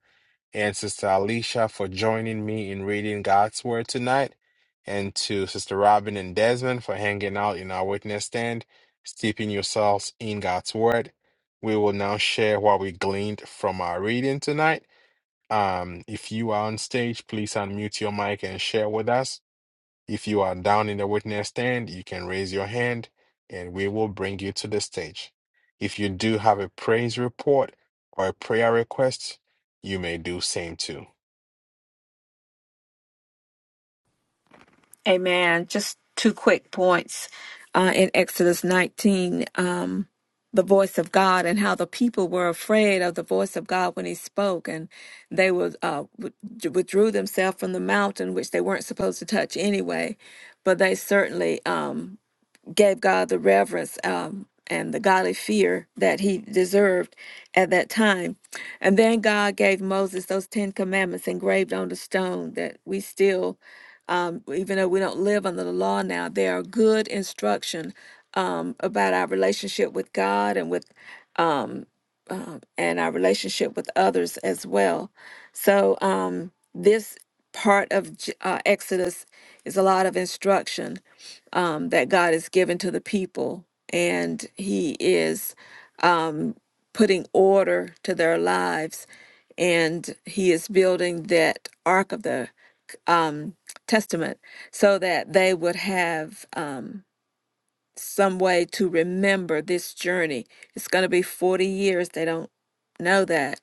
[SPEAKER 1] and Sister Alicia for joining me in reading God's Word tonight, and to Sister Robin and Desmond for hanging out in our witness stand, steeping yourselves in God's Word. We will now share what we gleaned from our reading tonight. Um, if you are on stage, please unmute your mic and share with us. If you are down in the witness stand, you can raise your hand and we will bring you to the stage. If you do have a praise report or a prayer request, you may do same too.
[SPEAKER 2] Amen. Just two quick points uh, in Exodus 19, um, the voice of God and how the people were afraid of the voice of God when He spoke, and they would uh, with- withdrew themselves from the mountain, which they weren't supposed to touch anyway. But they certainly um, gave God the reverence um, and the godly fear that he deserved at that time. And then God gave Moses those Ten Commandments engraved on the stone that we still, um, even though we don't live under the law now, they are good instruction um, about our relationship with God and with. Um, um, and our relationship with others as well. So, um, this part of J- uh, Exodus is a lot of instruction um, that God has given to the people, and He is um, putting order to their lives, and He is building that ark of the um, testament so that they would have um, some way to remember this journey. It's going to be 40 years. They don't know that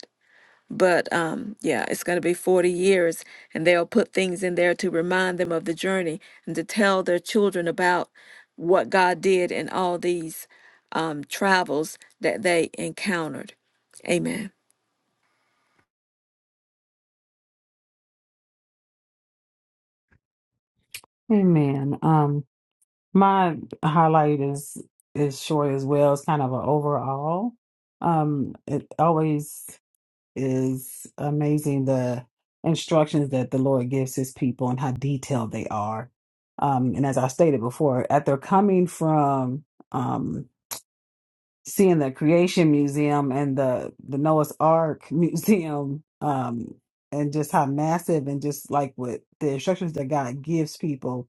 [SPEAKER 2] but um, yeah, it's going to be 40 years, and they'll put things in there to remind them of the journey and to tell their children about what God did in all these um, travels that they encountered. Amen.
[SPEAKER 4] Amen. Um, my highlight is is short as well. It's kind of an overall. Um, it always. is amazing the instructions that the Lord gives his people and how detailed they are. Um, and as I stated before, after coming from um, seeing the Creation Museum and the, the Noah's Ark Museum, um, and just how massive and just like what the instructions that God gives people,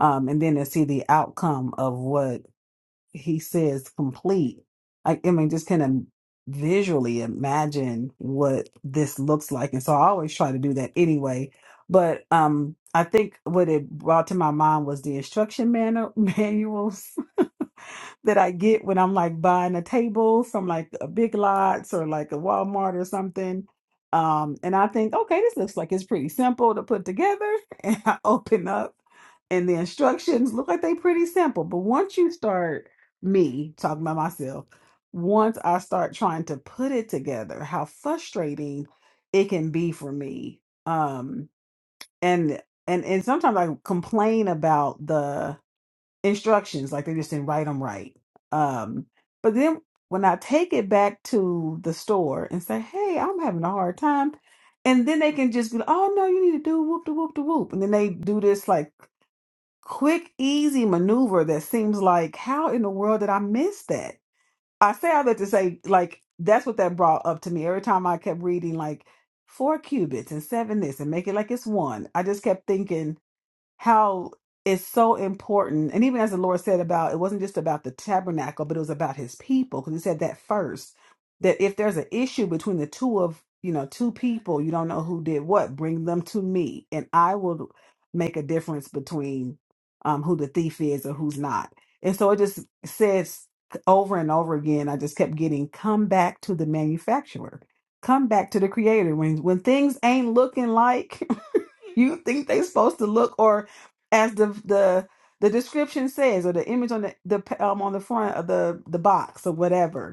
[SPEAKER 4] um, and then to see the outcome of what he says complete i, I mean just kind of visually imagine what this looks like and so i always try to do that anyway but um i think what it brought to my mind was the instruction manu- manuals that I get when I'm like buying a table from like a Big Lots or like a Walmart or something. Um, and I think, okay, this looks like it's pretty simple to put together. And I open up and the instructions look like they pretty simple. But once you start me talking about myself, once I start trying to put it together, how frustrating it can be for me. Um, and and and sometimes I complain about the instructions like they just didn't write them right um but then when i take it back to the store and say hey i'm having a hard time and then they can just be like, oh no you need to do whoop de whoop de whoop and then they do this like quick easy maneuver that seems like how in the world did i miss that i say all that to say like that's what that brought up to me every time i kept reading like four cubits and seven this and make it like it's one i just kept thinking how it's so important. And even as the Lord said about it wasn't just about the tabernacle, but it was about his people, because he said that first. That if there's an issue between the two of you know, two people, you don't know who did what, bring them to me, and I will make a difference between um who the thief is or who's not. And so it just says over and over again, I just kept getting come back to the manufacturer. Come back to the creator. When when things ain't looking like you think they supposed to look or as the the the description says or the image on the, the um on the front of the the box or whatever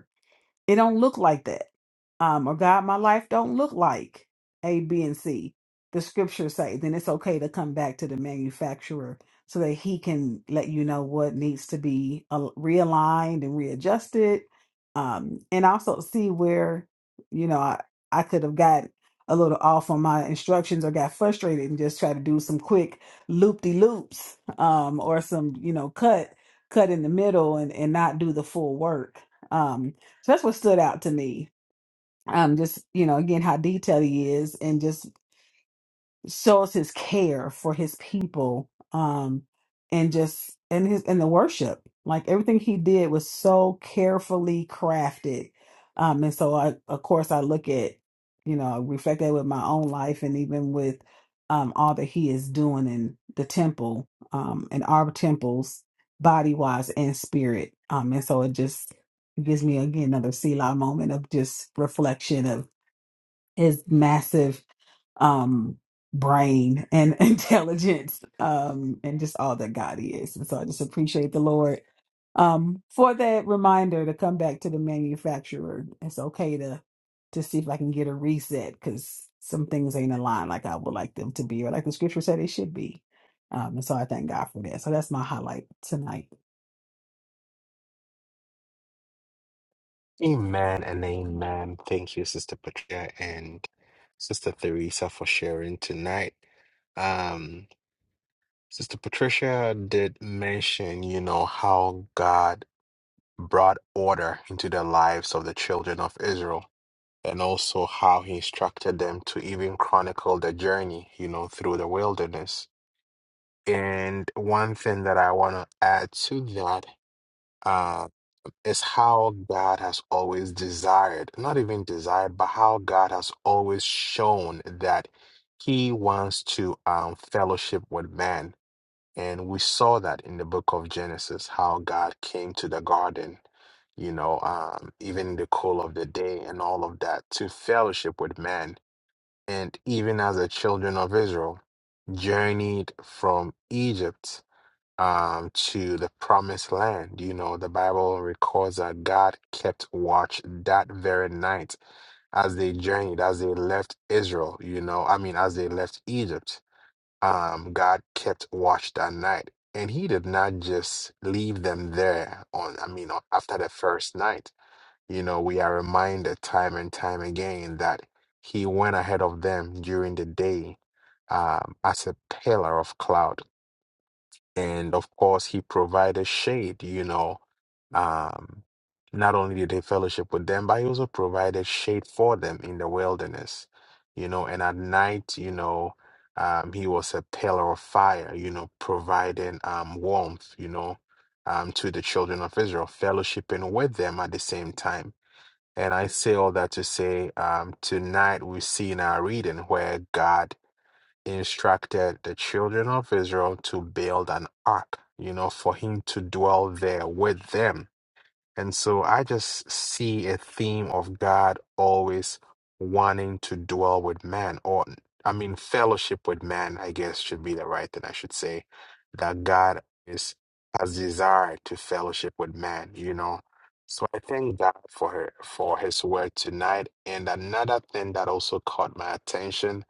[SPEAKER 4] it don't look like that. Um, or God, my life don't look like A, B, and C. The scriptures say, then it's okay to come back to the manufacturer so that he can let you know what needs to be uh, realigned and readjusted. Um, and also see where, you know, I, I could have got a little off on my instructions or got frustrated and just try to do some quick loop de loops um, or some, you know, cut cut in the middle and, and not do the full work um, so that's what stood out to me. Um, just you know, again, how detailed he is, and just shows his care for his people um and just and his and the worship like everything he did was so carefully crafted um and so i of course i look at you know I reflect that with my own life and even with um all that he is doing in the temple um in our temples body wise and spirit um and so it just gives me again another Selah moment of just reflection of his massive um brain and intelligence um and just all that God is. And so I just appreciate the Lord um for that reminder to come back to the manufacturer. It's okay to to see if I can get a reset because some things ain't aligned like I would like them to be or like the scripture said it should be. Um and so I thank God for that. So that's my highlight tonight.
[SPEAKER 1] Amen and amen. Thank you, Sister Patricia and Sister Theresa, for sharing tonight. Um, Sister Patricia did mention, you know, how God brought order into the lives of the children of Israel and also how he instructed them to even chronicle the journey, you know, through the wilderness. And one thing that I want to add to that It's how God has always desired, not even desired, but how God has always shown that He wants to um, fellowship with man. And we saw that in the book of Genesis, how God came to the garden, you know, um, even in the cool of the day and all of that to fellowship with man. And even as the children of Israel journeyed from Egypt um, to the promised land. You know, the Bible records that God kept watch that very night as they journeyed, as they left Israel, you know, I mean, as they left Egypt. Um, God kept watch that night. And he did not just leave them there on, I mean, after the first night. You know, we are reminded time and time again that he went ahead of them during the day um, as a pillar of cloud and of course he provided shade you know um not only did he fellowship with them but he also provided shade for them in the wilderness you know and at night you know um he was a pillar of fire you know providing um warmth you know um to the children of Israel fellowshipping with them at the same time and I say all that to say um tonight we see in our reading where God instructed the children of Israel to build an ark, you know, for him to dwell there with them. And so I just see a theme of God always wanting to dwell with man, or I mean, fellowship with man, I guess should be the right thing I should say, that God is has desire to fellowship with man, you know. So I thank God for her, for his word tonight. And another thing that also caught my attention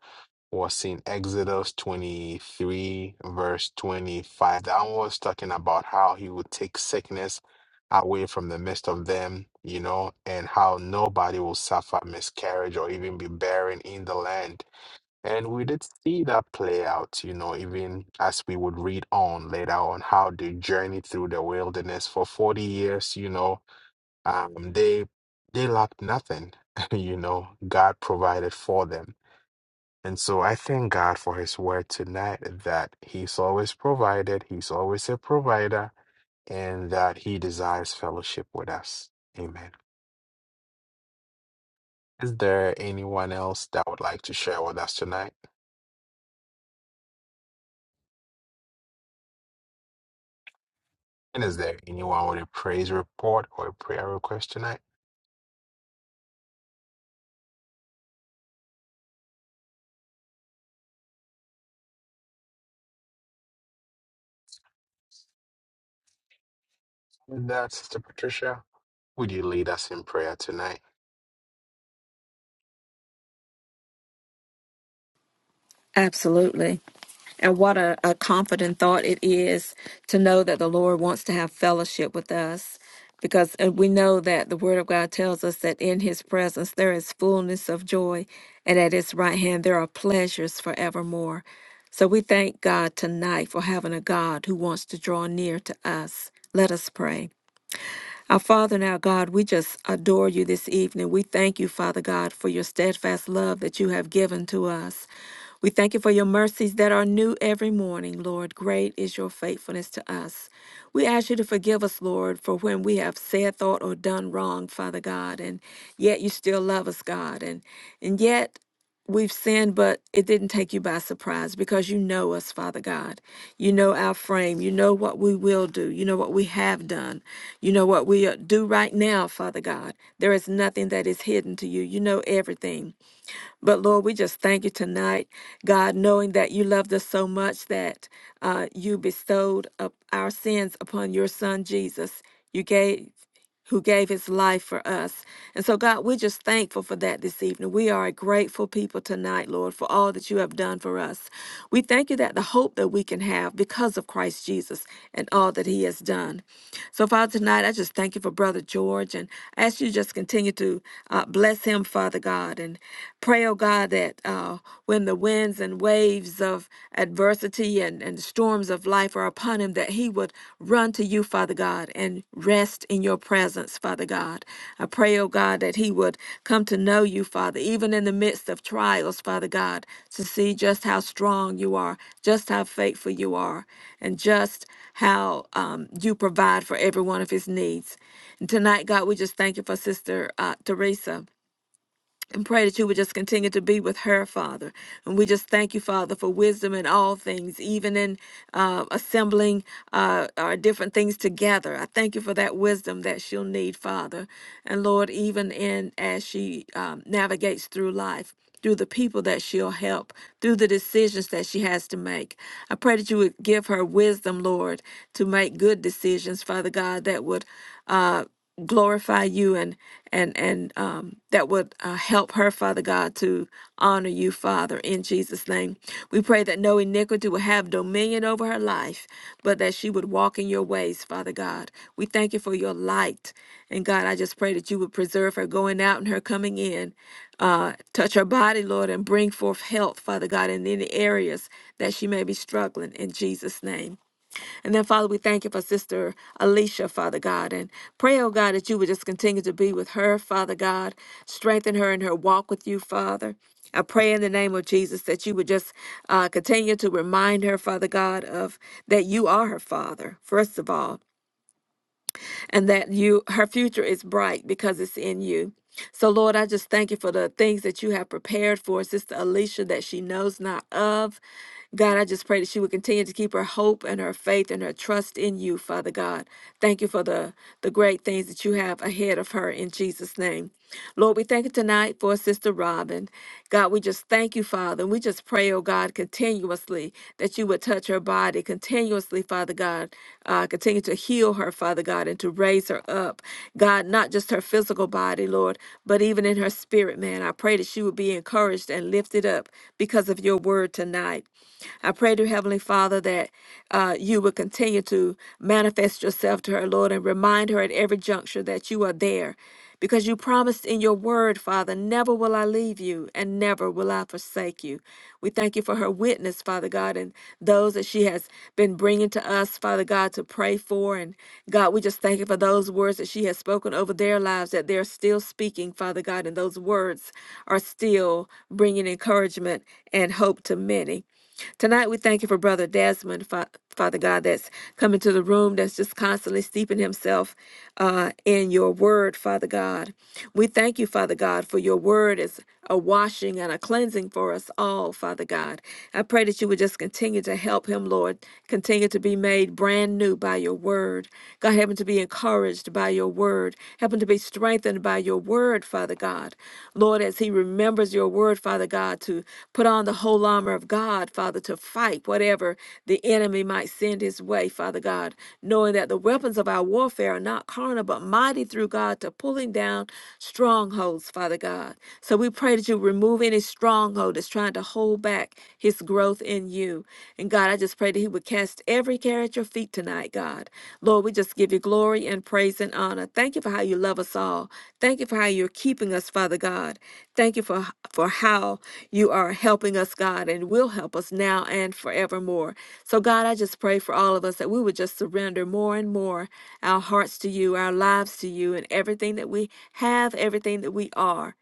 [SPEAKER 1] was seen Exodus 23, verse 25 That one was talking about how he would take sickness away from the midst of them, you know, and how nobody will suffer miscarriage or even be barren in the land. And we did see that play out, you know, even as we would read on later on how they journeyed through the wilderness for 40 years, you know, um, they they lacked nothing, you know, God provided for them and so I thank God for his word tonight that he's always provided, he's always a provider, and that he desires fellowship with us. Amen. Is there anyone else that would like to share with us tonight? And is there anyone with a praise report or a prayer request tonight? With that, Sister Patricia, would you lead us in prayer tonight?
[SPEAKER 2] Absolutely. And what a, a confident thought it is to know that the Lord wants to have fellowship with us. Because uh, we know that the Word of God tells us that in His presence there is fullness of joy, and at His right hand there are pleasures forevermore. So we thank God tonight for having a God who wants to draw near to us. Let us pray. Our Father and our God, we just adore you this evening. We thank you, Father God, for your steadfast love that you have given to us. We thank you for your mercies that are new every morning, Lord. Great is your faithfulness to us. We ask you to forgive us, Lord, for when we have said, thought, or done wrong, Father God, and yet you still love us, God, and and yet We've sinned, but it didn't take you by surprise because you know us, Father God. You know our frame. You know what we will do. You know what we have done. You know what we uh, do right now, Father God. There is nothing that is hidden to you. You know everything. But Lord, we just thank you tonight, God, knowing that you loved us so much that uh, you bestowed up our sins upon your son Jesus. You gave who gave his life for us. And so, God, we're just thankful for that this evening. We are a grateful people tonight, Lord, for all that you have done for us. We thank you that the hope that we can have because of Christ Jesus and all that he has done. So, Father, tonight I just thank you for Brother George and I ask you to just continue to uh, bless him, Father God, and pray, oh God, that uh, when the winds and waves of adversity and, and storms of life are upon him, that he would run to you, Father God, and rest in your presence, Father God. I pray, oh God, that he would come to know you, Father, even in the midst of trials, Father God, to see just how strong you are, just how faithful you are, and just how um, you provide for every one of his needs. And tonight, God, we just thank you for Sister uh, Teresa and pray that you would just continue to be with her, Father. And we just thank you, Father, for wisdom in all things, even in uh, assembling uh, our different things together. I thank you for that wisdom that she'll need, Father. And Lord, even in as she um, navigates through life, through the people that she'll help, through the decisions that she has to make. I pray that you would give her wisdom, Lord, to make good decisions, Father God, that would. Uh, glorify you and and and um, that would uh, help her father god to honor you father in jesus name we pray that no iniquity will have dominion over her life but that she would walk in your ways father god we thank you for your light and god i just pray that you would preserve her going out and her coming in uh, touch her body lord and bring forth health father god in any areas that she may be struggling in jesus name and then, Father, we thank you for Sister Alicia, Father God, and pray, oh God, that you would just continue to be with her, Father God, strengthen her in her walk with you, Father. I pray in the name of Jesus that you would just uh, continue to remind her, Father God, of that you are her Father, first of all, and that you her future is bright because it's in you. So, Lord, I just thank you for the things that you have prepared for Sister Alicia that she knows not of. God, I just pray that she would continue to keep her hope and her faith and her trust in you, Father God. Thank you for the, the great things that you have ahead of her in Jesus' name. Lord, we thank you tonight for Sister Robin. God, we just thank you, Father. And we just pray, oh God, continuously that you would would touch her body continuously, Father God. Uh, continue to heal her, Father God, and to raise her up. God, not just her physical body, Lord, but even in her spirit, man. I pray that she would be encouraged and lifted up because of your word tonight. I pray to Heavenly Father that uh, you would continue to manifest yourself to her, Lord, and remind her at every juncture that you are there because you promised in your word, Father, never will I leave you and never will I forsake you. We thank you for her witness, Father God, and those that she has been bringing to us, Father God, to pray for. And God, we just thank you for those words that she has spoken over their lives, that they're still speaking, Father God, and those words are still bringing encouragement and hope to many. Tonight, we thank you for Brother Desmond, Fa- Father God, that's come into the room, that's just constantly steeping himself uh, in your word, Father God. We thank you, Father God, for your word is a washing and a cleansing for us all, Father God. I pray that you would just continue to help him, Lord, continue to be made brand new by your word. God, help him to be encouraged by your word, help him to be strengthened strengthened by your word, Father God. Lord, as he remembers your word, Father God, to put on the whole armor of God, Father, to fight whatever the enemy might send his way, Father God, knowing that the weapons of our warfare are not carnal, but mighty through God to pulling down strongholds, Father God. So we pray that you remove any stronghold that's trying to hold back his growth in you. And God, I just pray that he that he would cast every care at your feet tonight, God. Lord, we just give you glory and praise and honor. Thank you for how you love us all. Thank you for how you're keeping us, Father God. Thank you for, for how you are helping us, God, and will help us now and forevermore. So, God, I just pray for all of us that we would just surrender more and more our hearts to you, our lives to you, and everything that we have, everything that we are.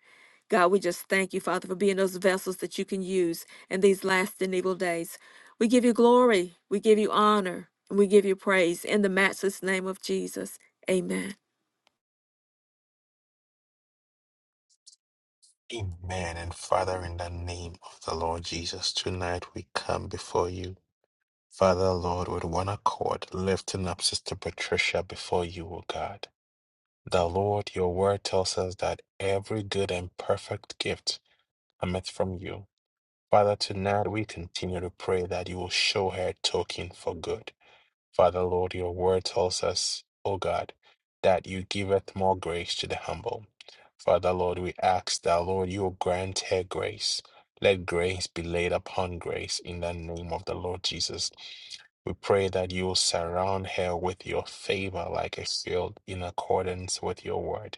[SPEAKER 2] God, we just thank you, Father, for being those vessels that you can use in these last and evil days. We give you glory, we give you honor, and we give you praise in the matchless name of Jesus. Amen.
[SPEAKER 1] Amen. And Father, in the name of the Lord Jesus, tonight we come before you. Father, Lord, with one accord, lifting up Sister Patricia before you, O God. The Lord, your word tells us that every good and perfect gift cometh from you. Father, tonight we continue to pray that you will show her a token for good. Father, Lord, your word tells us, O God, that you giveth more grace to the humble. Father, Lord, we ask that, Lord, you grant her grace. Let grace be laid upon grace in the name of the Lord Jesus. We pray that you will surround her with your favor like a shield in accordance with your word.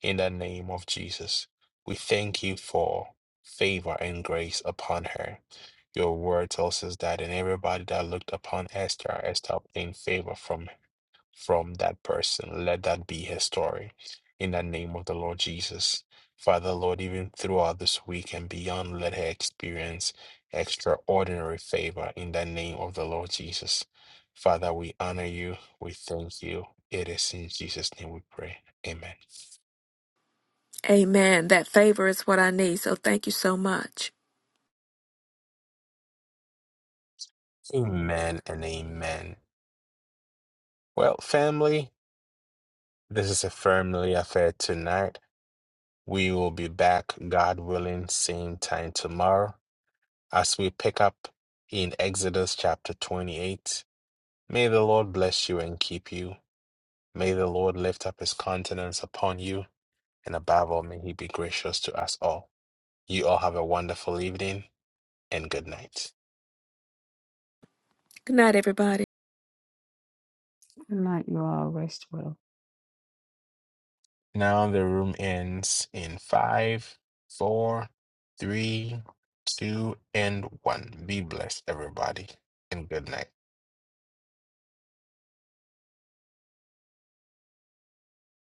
[SPEAKER 1] In the name of Jesus, we thank you for favor and grace upon her. Your word tells us that and everybody that looked upon Esther, Esther obtained favor from from that person. Let that be her story. In the name of the Lord Jesus. Father, Lord, even throughout this week and beyond, let her experience extraordinary favor in the name of the Lord Jesus. Father, we honor you. We thank you. It is in Jesus' name we pray. Amen.
[SPEAKER 2] Amen. That favor is what I need. So thank you so much.
[SPEAKER 1] Amen and amen. Well, family, this is a family affair tonight. We will be back, God willing, same time tomorrow as we pick up in Exodus chapter 28. May the Lord bless you and keep you. May the Lord lift up his countenance upon you. And above all, may he be gracious to us all. You all have a wonderful evening and good night.
[SPEAKER 2] Good night, everybody.
[SPEAKER 4] Good night, you all rest well.
[SPEAKER 1] Now the room ends in five, four, three, two, and one. Be blessed, everybody, and good night.